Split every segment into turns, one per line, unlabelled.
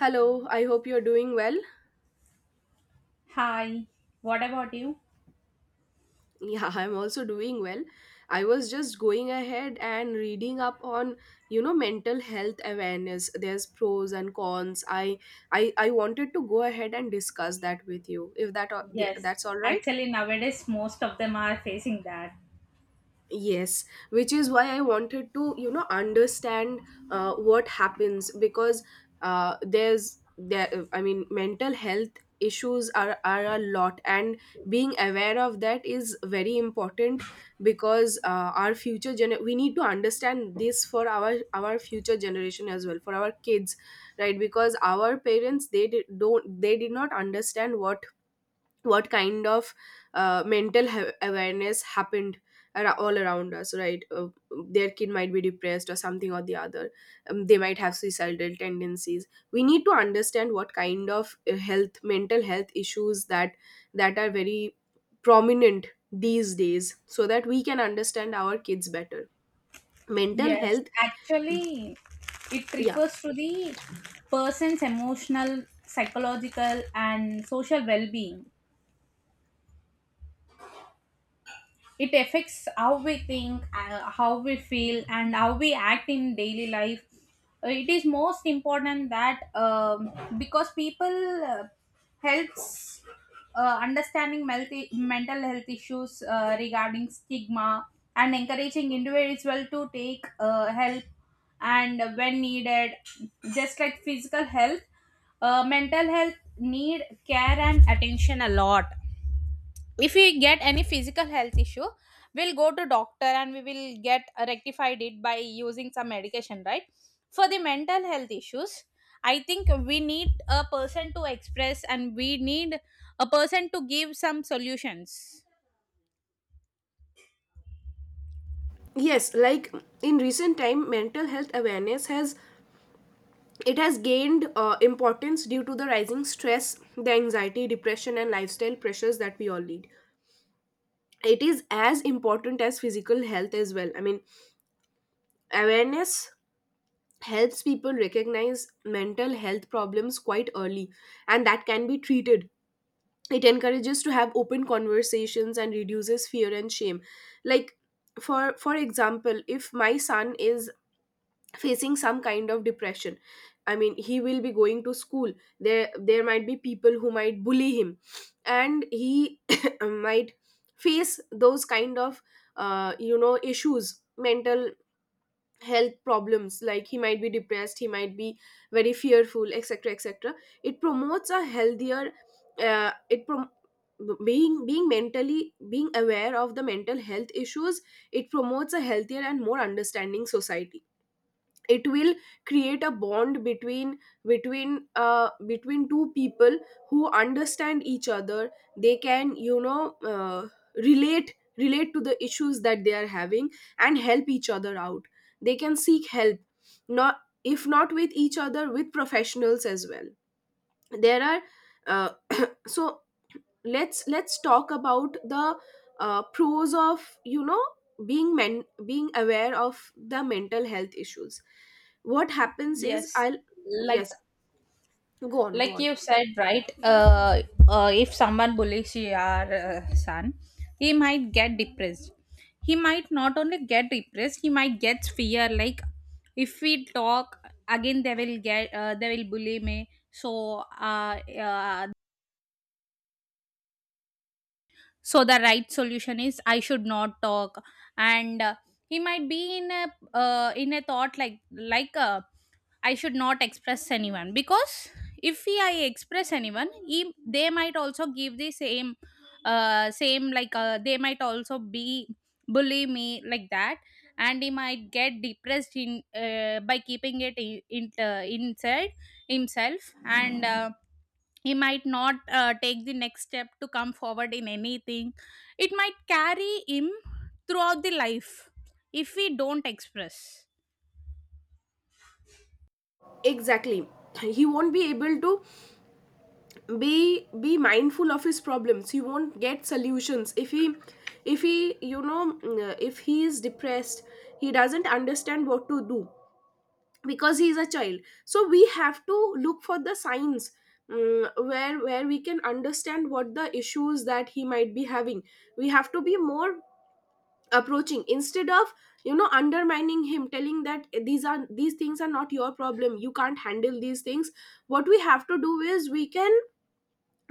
Hello, I hope you're doing well.
Hi, what about you?
Yeah, I'm also doing well. I was just going ahead and reading up on mental health awareness. There's pros and cons. I wanted to go ahead and discuss that with you if that
Yes,
that's all right.
actually, nowadays most of them are facing that.
Yes, which is why I wanted to understand what happens, because there's there. I mean, mental health issues are a lot, and being aware of that is very important, because we need to understand this for our future generation as well, for our kids, right? Because our parents, they did not understand what kind of awareness happened all around us, right. Their kid might be depressed or something or the other. They might have suicidal tendencies. We need to understand what kind of health mental health issues that are very prominent these days, so that we can understand our kids better. Mental
Yes,
health.
actually, it
Yeah.
refers to the person's emotional, psychological, and social well being. It affects how we think, how we feel and how we act in daily life. It is most important that, um, because people, uh, helps, understanding melti mental health issues, regarding stigma and encouraging individual to take help, and when needed, just like physical health. Mental health need care and attention a lot. If we get any physical health issue, we'll go to doctor and we will get rectified it by using some medication, right? For the mental health issues, I think we need a person to express and we need a person to give some solutions.
Yes. Like, in recent time mental health awareness has, it has gained importance due to the rising stress, the anxiety, depression, and lifestyle pressures that we all lead. It is as important as physical health as well. I mean, awareness helps people recognize mental health problems quite early, and that can be treated. It encourages to have open conversations and reduces fear and shame. Like, for example, if my son is facing some kind of depression, I mean, he will be going to school, there might be people who might bully him, and he might face those kind of issues, mental health problems. Like, he might be depressed, he might be very fearful, etc, etc. It promotes a healthier, uh, it prom- being mentally being aware of the mental health issues, it promotes a healthier and more understanding society. It will create a bond between two people who understand each other. They can, relate to the issues that they are having, and help each other out. They can seek help, not if not with each other, with professionals as well. There are uh, so, let's talk about the pros of, being aware of the mental health issues. What happens is,
Yes,
I'll.
like,
Yes. Go on, go on.
you said, right, if someone bullies your son, he might get depressed. He might not only get depressed, he might get fear. Like, if we talk again, they will bully me, so uh, so the right solution is I should not talk. And he might be in a, thought like, like uh, I should not express anyone, because if I express anyone, they might also give the same, same, like, they might also be bully me like that, and he might get depressed, in by keeping it in inside himself, and he might not take the next step to come forward in anything. It might carry him throughout the life if we don't express.
Exactly. He won't be able to be mindful of his problems. He won't get solutions if he. Is depressed, he doesn't understand what to do, because he is a child. So we have to look for the signs, where we can understand what the issues that he might be having. We have to be more approaching, instead of undermining him, telling that these things are not your problem, you can't handle these things. What we have to do is, we can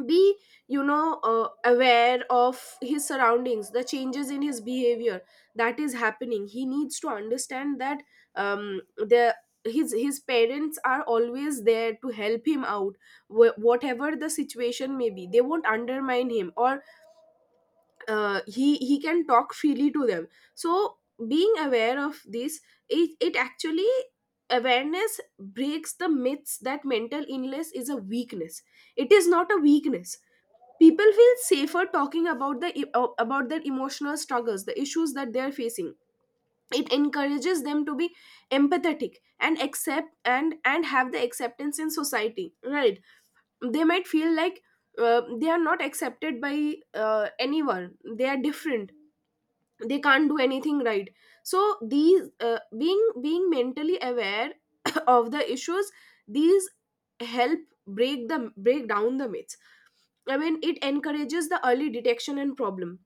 be, aware of his surroundings, the changes in his behavior that is happening. He needs to understand that, the his parents are always there to help him out, whatever the situation may be, they won't undermine him, or he can talk freely to them. So, being aware of this, it actually awareness breaks the myths that mental illness is a weakness. It is not a weakness. People feel safer talking about their emotional struggles, the issues that they are facing. It encourages them to be empathetic and accept, and have the acceptance in society, right? They might feel like they are not accepted by anyone, they are different, they can't do anything right. So, these, being mentally aware of the issues, these help break the break down the myths. I mean, it encourages the early detection and problem.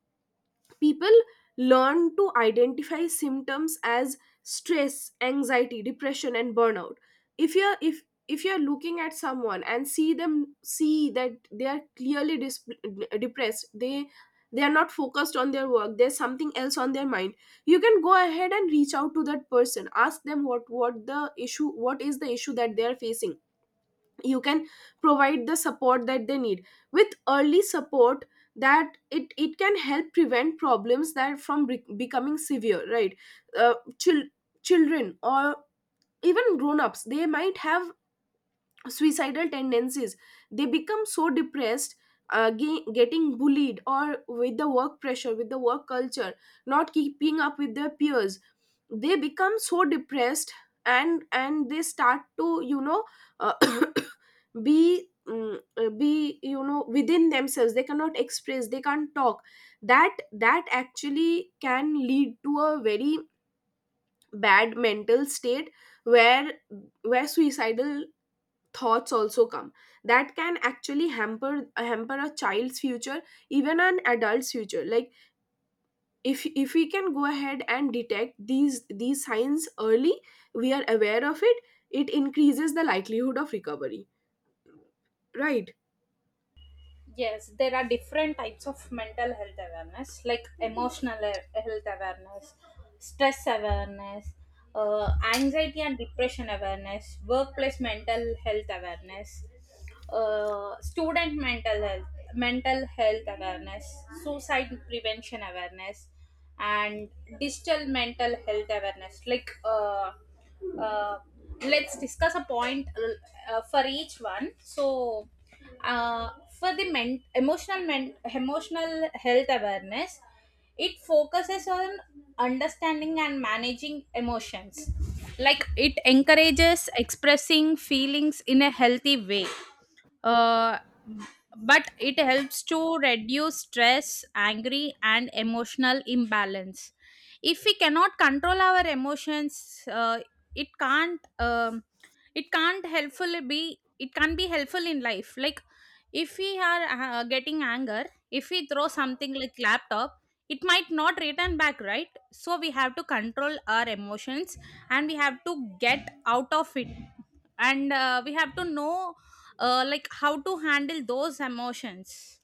People learn to identify symptoms as stress, anxiety, depression, and burnout. If you're looking at someone and see that they are clearly depressed, they are not focused on their work, there's something else on their mind. You can go ahead and reach out to that person, ask them what is the issue that they are facing. You can provide the support that they need. With early support, it can help prevent problems that from be- becoming severe, right? uh, chil- Children, or even grown-ups, they might have suicidal tendencies. They become so depressed, getting bullied, or with the work pressure, with the work culture, not keeping up with their peers, they become so depressed. And they start to, uh, be, be within themselves, they cannot express, they can't talk. That actually can lead to a very bad mental state, where where suicidal thoughts also come. That can actually hamper a child's future, even an adult's future. Like, if we can go ahead and detect these signs early, we are aware of it, it increases the likelihood of recovery, right?
Yes, there are different types of mental health awareness, like emotional health awareness, stress awareness, anxiety and depression awareness, workplace mental health awareness, student mental health awareness, suicide prevention awareness, and digital mental health awareness. Like uh, uh, let's discuss a point for each one. So for the emotional emotional health awareness, it focuses on understanding and managing emotions. Like, it encourages expressing feelings in a healthy way. uh, but it helps to reduce stress, angry and emotional imbalance. If we cannot control our emotions, uh, it can't, it can't helpful be, it can not be helpful in life. Like, if we are getting anger, if we throw something like laptop, it might not return back, right? So we have to control our emotions, and we have to get out of it, and we have to know like how to handle those emotions.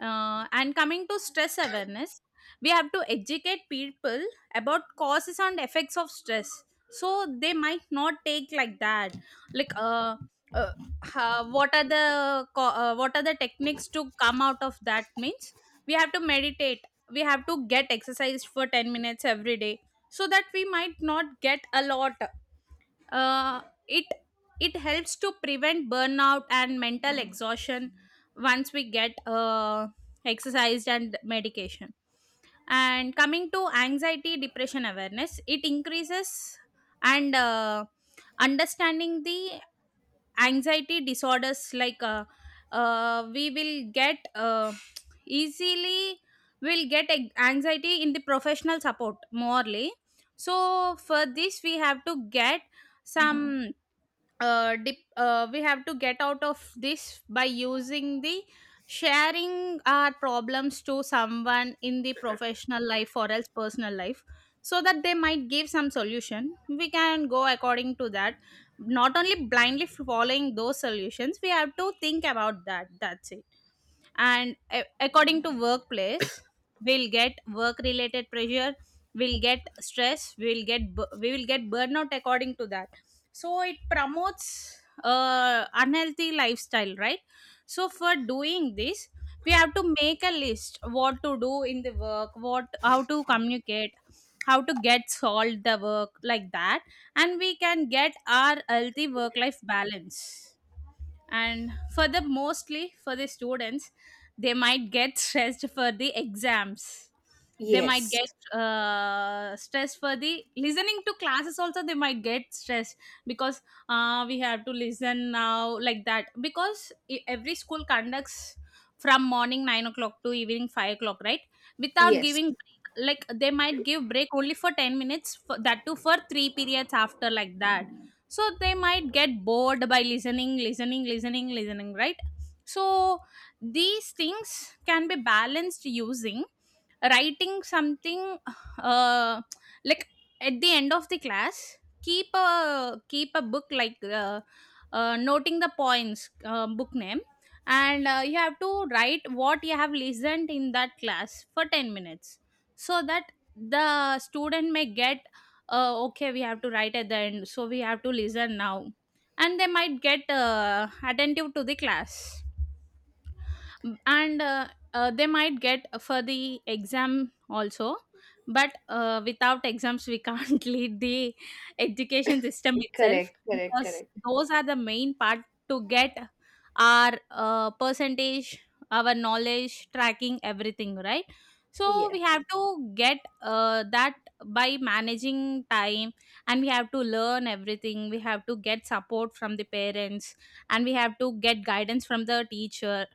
And coming to stress awareness, we have to educate people about causes and effects of stress, so they might not take like that. Like, uh what are the what are the techniques to come out of that means, we have to meditate, we have to get exercise for 10 minutes every day, so that we might not get a lot. uh, it it helps to prevent burnout and mental exhaustion once we get exercised and medication. And coming to anxiety depression awareness, it increases and understanding the anxiety disorders, like, we will get easily will get anxiety in the professional support morely. So for this we have to get some, we have to get out of this by using the, sharing our problems to someone in the professional life or else personal life, so that they might give some solution. We can go according to that, not only blindly following those solutions. We have to think about that, that's it. And according to workplace, we'll get work related pressure, we'll get stress, we'll get we will get burnout according to that. So it promotes unhealthy lifestyle, right? So for doing this we have to make a list, what to do in the work, what how to communicate, how to get solved the work like that, and we can get our healthy work life balance. And for the mostly for the students, they might get stressed for the exams, they might
Yes.
get stressed for the listening to classes also, they might get stressed because we have to listen now like that, because every school conducts from morning 9 o'clock to evening 5 o'clock, right? Without
Yes.
giving break, like they might give break only for 10 minutes, for that too for three periods after like that, so they might get bored by listening listening listening listening, right? So these things can be balanced using writing something, uh, like at the end of the class, keep a book, like, noting the points, book name, and you have to write what you have listened in that class for 10 minutes, so that the student may get, okay we have to write at the end, so we have to listen now, and they might get attentive to the class. And they might get for the exam also, but without exams we can't lead the education system itself,
Correct. Correct.
because
Correct.
those are the main part to get our percentage, our knowledge tracking everything, right? So
Yes.
we have to get that by managing time, and we have to learn everything, we have to get support from the parents and we have to get guidance from the teacher.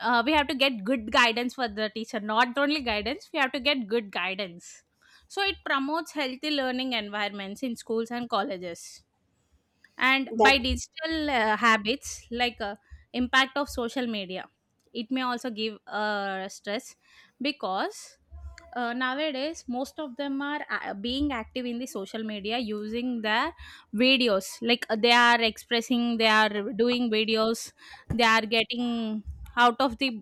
We have to get good guidance for the teacher, not only guidance, we have to get good guidance, so it promotes healthy learning environments in schools and colleges. And
That.
by digital habits, like impact of social media, it may also give stress, because nowadays most of them are being active in the social media using their videos, like they are expressing, they are doing videos, they are getting out of the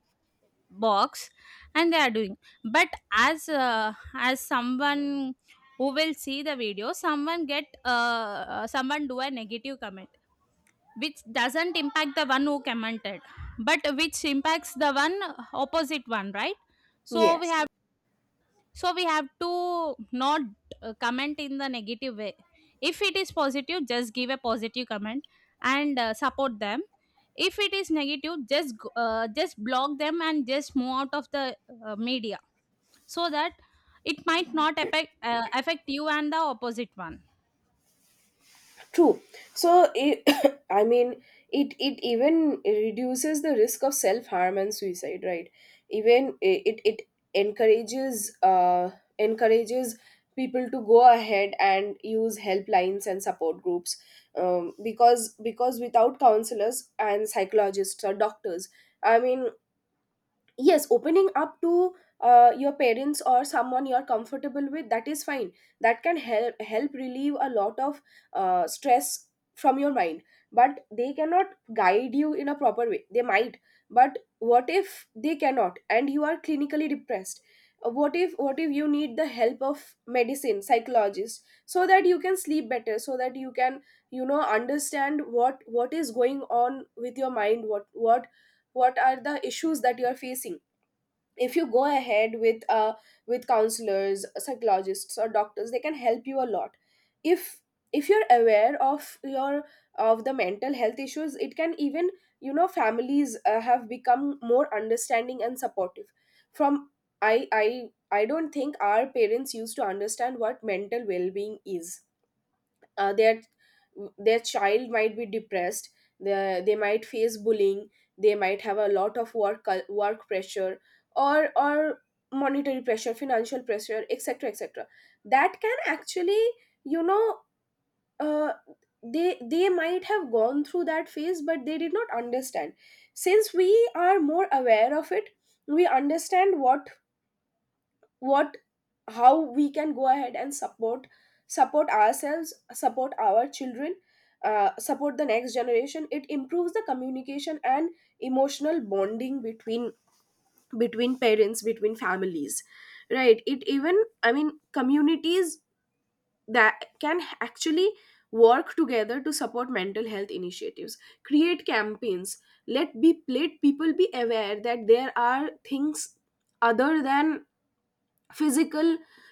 box, and they are doing. But as someone who will see the video, someone do a negative comment, which doesn't impact the one who commented, but which impacts the one opposite one, right? so we
Yes.
have so we have to not comment in the negative way. If it is positive, just give a positive comment and support them. If it is negative, just just block them and just move out of the media, so that it might not affect you and the opposite one.
True. So, I mean, it even reduces the risk of self harm and suicide, right? Even it encourages uh encourages people to go ahead and use helplines and support groups. Because, without counselors and psychologists or doctors, I mean, yes, opening up to your parents or someone you're comfortable with, that is fine. That can help relieve a lot of stress from your mind. But they cannot guide you in a proper way, they might. But what if they cannot, and you are clinically depressed? What if you need the help of medicine, psychologist, so that you can sleep better, so that you can, understand what is going on with your mind, what are the issues that you are facing? If you go ahead with counselors, psychologists, or doctors, they can help you a lot. If if you're aware of the mental health issues, it can even, families have become more understanding and supportive from. I i i don't think our parents used to understand what mental well-being is. uh, their their child might be depressed, they might face bullying, they might have a lot of work pressure, or monetary pressure, financial pressure, etc, etc. That can actually, you know uh, they might have gone through that phase, but they did not understand. Since we are more aware of it, we understand what how we can go ahead and support ourselves, support our children, support the next generation. It improves the communication and emotional bonding between parents, between families, right? It even, I mean, communities, that can actually work together to support mental health initiatives, create campaigns, let people be aware that there are things other than physical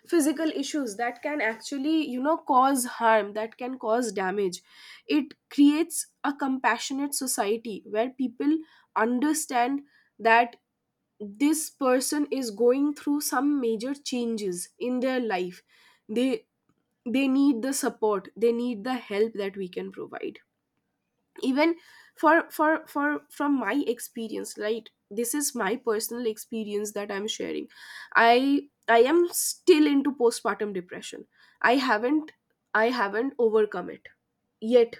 physical issues that can actually, cause harm, that can cause damage. It creates a compassionate society where people understand that this person is going through some major changes in their life. They they need the support, they need the help that we can provide. Even, for from my experience, right, this is my personal experience that I'm sharing. I am still into postpartum depression. I haven't i haven't overcome it yet.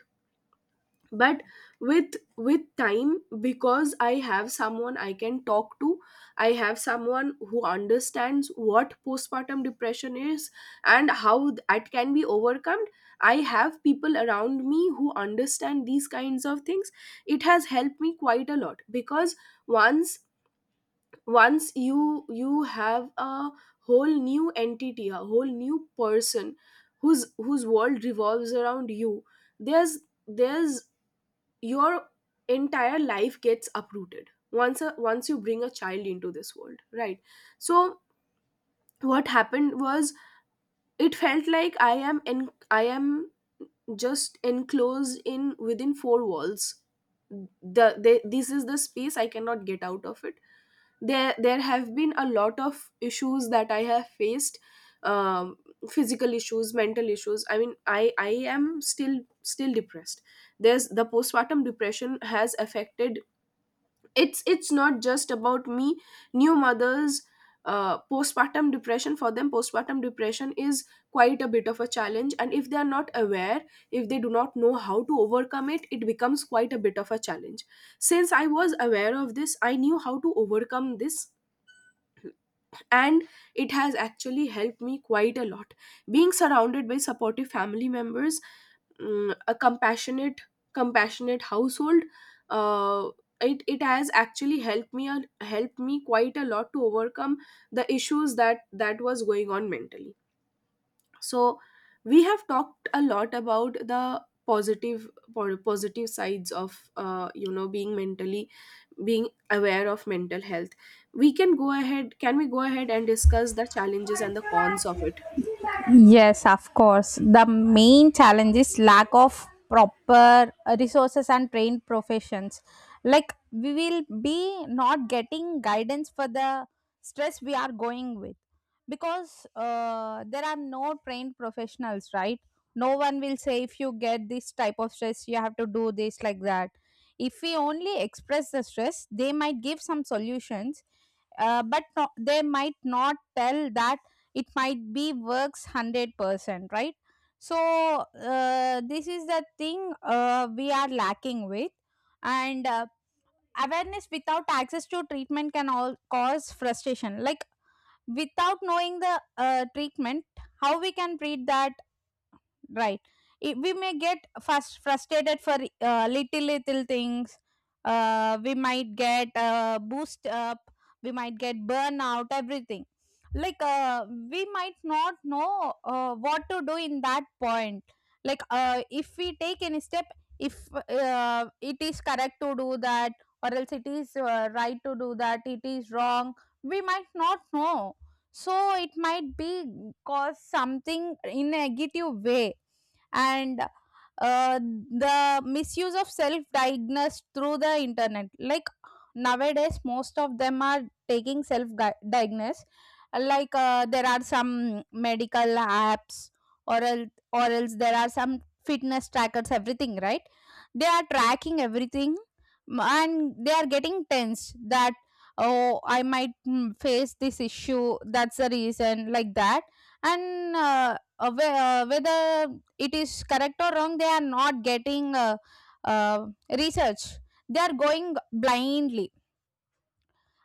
But, with time, because I have someone I can talk to, I have someone who understands what postpartum depression is and how that can be overcome, I have people around me who understand these kinds of things, it has helped me quite a lot. Because, once once you have a whole new entity, a whole new person, whose world revolves around you, there's there's your entire life gets uprooted once you bring a child into this world, right? So, what happened was, it felt like I am just enclosed in within four walls. The This is the space, I cannot get out of it. There have been a lot of issues that I have faced, um, physical issues, mental issues. I mean, I am still depressed. The postpartum depression has affected, it's not just about me. New mothers, postpartum depression is quite a bit of a challenge, and if they are not aware, if they do not know how to overcome it, it becomes quite a bit of a challenge. Since I was aware of this, I knew how to overcome this, and it has actually helped me quite a lot. Being surrounded by supportive family members, a compassionate household, uh, it has actually helped me quite a lot to overcome the issues that was going on mentally. So we have talked a lot about the positive positive sides of being mentally being aware of mental health. We can go ahead Can we go ahead and discuss the challenges and the cons of it?
Yes, of course. The main challenge is lack of proper resources and trained professions. Like, we will be not getting guidance for the stress we are going with, because there are no trained professionals, right? No one will say, if you get this type of stress, you have to do this like that. If we only express the stress, they might give some solutions, but no, they might not tell that it might be works 100%, right? So this is the thing we are lacking with. And awareness without access to treatment can all cause frustration. Like, without knowing the treatment, how we can treat that, right? We may get fast frustrated for little little things. We might get boost up, we might get burnout everything, like we might not know what to do in that point. Like, if we take any step, if it is correct to do that, or else it is right to do that, it is wrong, we might not know. So it might be cause something in a negative way. And the misuse of self-diagnosed through the internet, like, nowadays most of them are taking self-diagnosis. Like, there are some medical apps, or else there are some fitness trackers everything, right? They are tracking everything, and they are getting tensed that, oh I might face this issue, that's the reason like that. And whether it is correct or wrong, they are not getting uh, research, they are going blindly.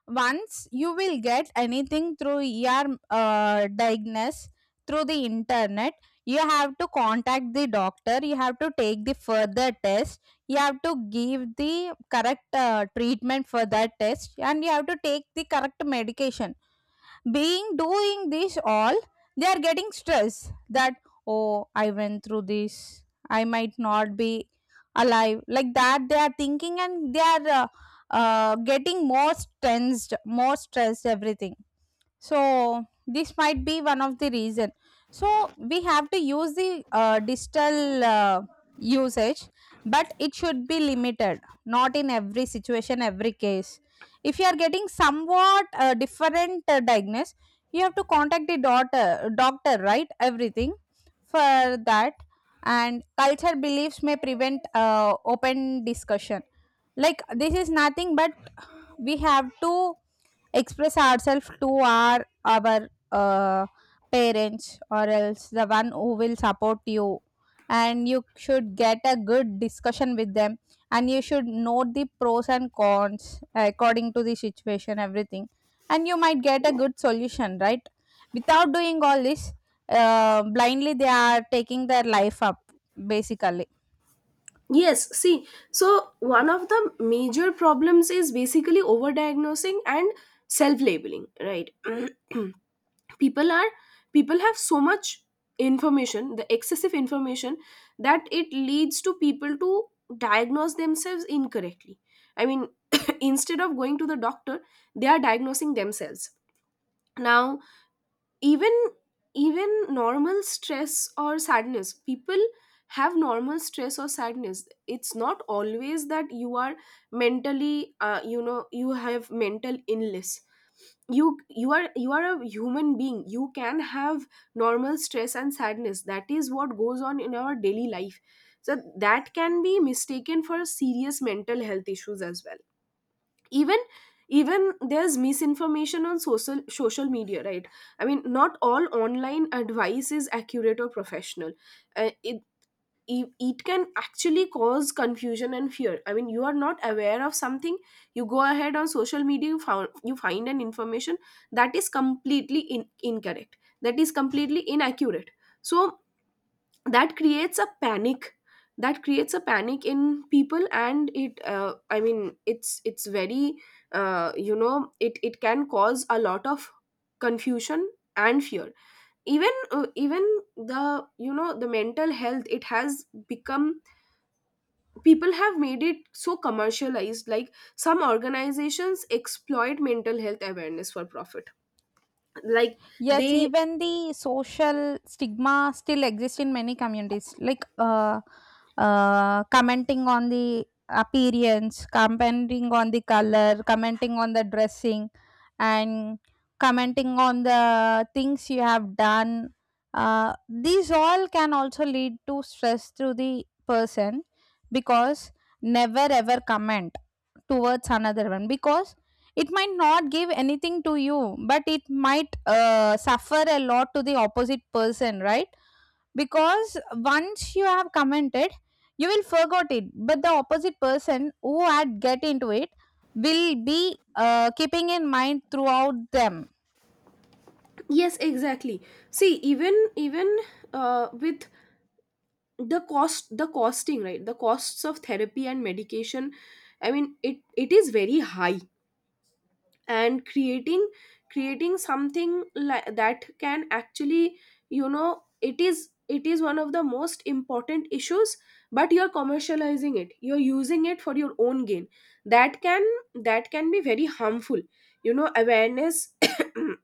Once you will get anything through your diagnosis through the internet, you have to contact the doctor, you have to take the further test, you have to give the correct treatment for that test, and you have to take the correct medication. Being doing this all, they are getting stress that, oh I went through this, I might not be alive like that, they are thinking, and they are getting more tensed, more stressed everything. So this might be one of the reason. So we have to use the digital usage, but it should be limited, not in every situation every case. If you are getting somewhat different diagnosis, you have to contact the doctor, right? Everything for that. And culture beliefs may prevent open discussion. Like, this is nothing, but we have to express ourselves to our parents, or else the one who will support you, and you should get a good discussion with them, and you should note the pros and cons according to the situation everything, and you might get a good solution, right? Without doing all this, blindly they are taking their life up basically.
Yes, see, so one of the major problems is basically overdiagnosing and self labeling, right? people are People have so much information, the excessive information, that it leads to people to diagnose themselves incorrectly. I mean, instead of going to the doctor, they are diagnosing themselves now. Even even normal stress or sadness, people have normal stress or sadness. It's not always that you are mentally you have mental illness. You are a human being, you can have normal stress and sadness. That is what goes on in our daily life. So that can be mistaken for serious mental health issues as well. Even even there's misinformation on social media, right? I mean, not all online advice is accurate or professional. uh, it, it can actually cause confusion and fear. I mean, you are not aware of something, you go ahead on social media, you find an information that is completely incorrect, that is completely inaccurate. So that creates a panic, that creates a panic in people, and it I mean, it's very it it can cause a lot of confusion and fear. Even the, you know, the mental health, it has become, people have made it so commercialized. Like, some organizations exploit mental health awareness for profit, like
Yes,
they.
even the social stigma still exists in many communities. Like, commenting on the appearance, commenting on the color, commenting on the dressing, and commenting on the things you have done. These all can also lead to stress to the person, because never ever comment towards another one, because it might not give anything to you, but it might suffer a lot to the opposite person, right? Because once you have commented, you will forget it, but the opposite person who had get into it will be keeping in mind throughout them.
Yes, exactly, see, even even with the cost, the costing, right, the costs of therapy and medication, I mean, it is very high. And creating, creating something like that can actually, you know, it is, it is one of the most important issues, but you're commercializing it, you're using it for your own gain. That can, that can be very harmful, you know. Awareness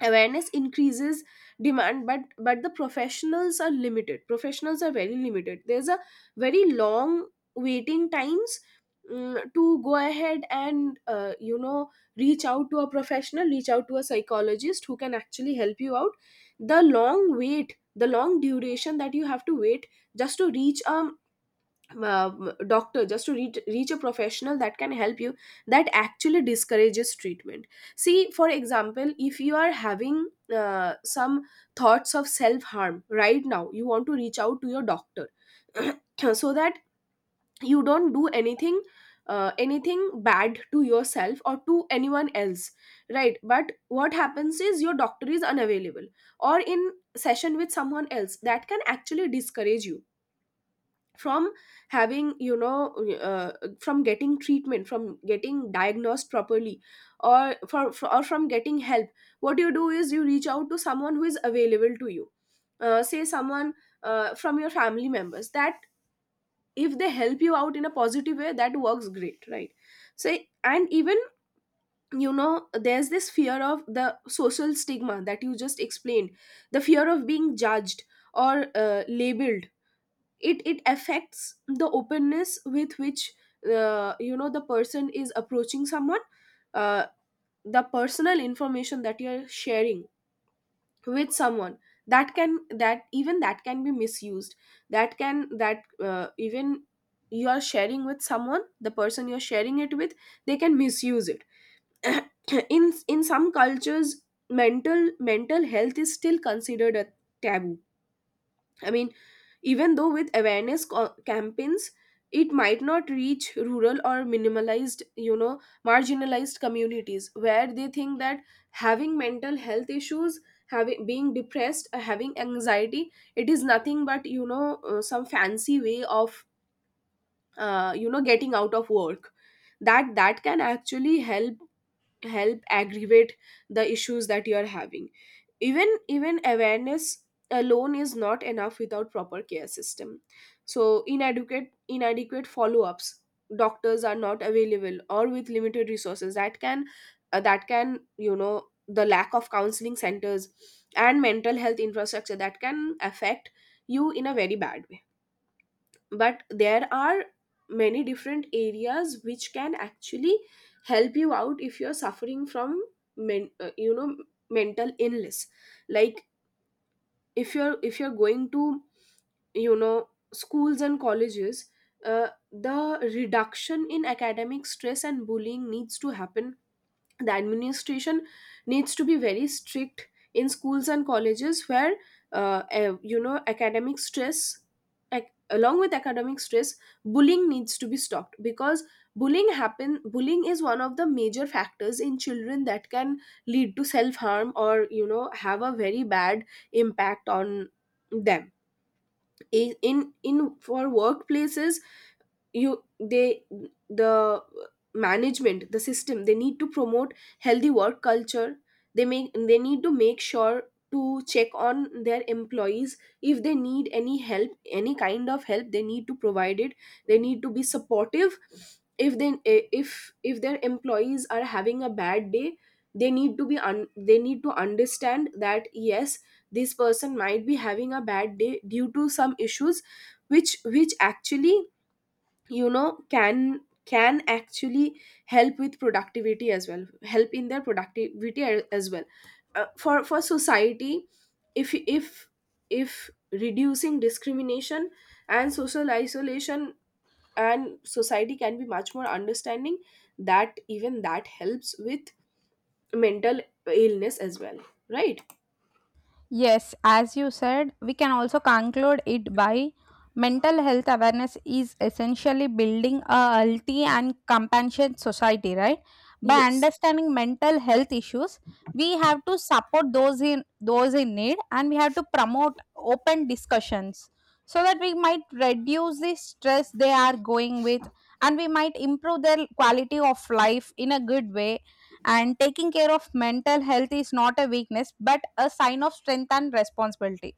awareness increases demand, but the professionals are limited, professionals are very limited. There's a very long waiting times, to go ahead and reach out to a professional, reach out to a psychologist who can actually help you out. The long wait, the long duration that you have to wait just to reach a doctor, just to reach a professional that can help you, that actually discourages treatment. See, for example, if you are having some thoughts of self harm right now, you want to reach out to your doctor, so that you don't do anything anything bad to yourself or to anyone else, right? But what happens is your doctor is unavailable or in session with someone else. That can actually discourage you from having, you know, uh, from getting treatment, from getting diagnosed properly, or for or from getting help. What you do is you reach out to someone who is available to you. Say someone from your family members, that if they help you out in a positive way, that works great, right? So, and even, you know, there's this fear of the social stigma that you just explained, the fear of being judged or labeled. It affects the openness with which the person is approaching someone. uh, the personal information that you're sharing with someone, that can, that, even that can be misused. That can that even, you are sharing with someone, the person you're sharing it with, they can misuse it. In some cultures, mental health is still considered a taboo. I mean, even though with awareness campaigns, it might not reach rural or minimalized, you know, marginalized communities where they think that having mental health issues, having being depressed, having anxiety, it is nothing but, you know, some fancy way of getting out of work. That can actually help, help aggravate the issues that you are having. Even awareness alone is not enough without proper care system. So, inadequate follow-ups, doctors are not available or with limited resources. That can, that can, you know, the lack of counseling centers and mental health infrastructure, that can affect you in a very bad way. But there are many different areas which can actually help you out if you're suffering from men, uh, you know mental illness. Like, if you're going to, you know, schools and colleges, the reduction in academic stress and bullying needs to happen. The administration needs to be very strict in schools and colleges where academic stress, ac- along with academic stress, bullying needs to be stopped, because bullying is one of the major factors in children that can lead to self harm or, you know, have a very bad impact on them. In for workplaces, you they the management, the system, they need to promote healthy work culture. They need to make sure to check on their employees. If they need any help, any kind of help, they need to provide it. They need to be supportive. If they if their employees are having a bad day, they need to be they need to understand that yes, this person might be having a bad day due to some issues, which actually, you know, can actually help with productivity as well, help in their productivity as well. For society, if if reducing discrimination and social isolation, and society can be much more understanding, that, even that helps with mental illness as well, right?
Yes, as you said, we can also conclude it by mental health awareness is essentially building a healthy and compassionate society, right? By
Yes.
understanding mental health issues, we have to support those in need, and we have to promote open discussions, so that we might reduce the stress they are going with, and we might improve their quality of life in a good way. And taking care of mental health is not a weakness, but a sign of strength and responsibility.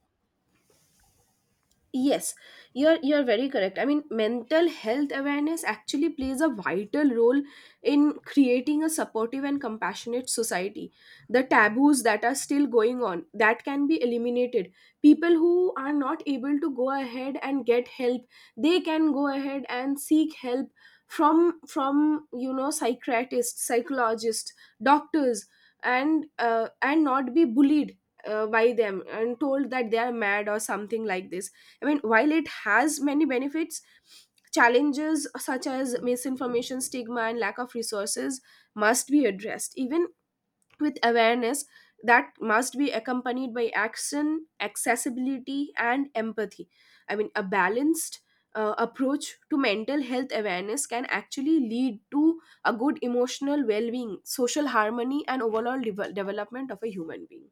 Yes, you're very correct. I mean, mental health awareness actually plays a vital role in creating a supportive and compassionate society. The taboos that are still going on, that can be eliminated. People who are not able to go ahead and get help, they can go ahead and seek help from you know, psychiatrists, psychologists, doctors, and not be bullied by them and told that they are mad or something like this. I mean, while it has many benefits, challenges such as misinformation, stigma, and lack of resources must be addressed. Even with awareness, that must be accompanied by action, accessibility, and empathy. I mean, a balanced approach to mental health awareness can actually lead to a good emotional well being, social harmony, and overall development of a human being.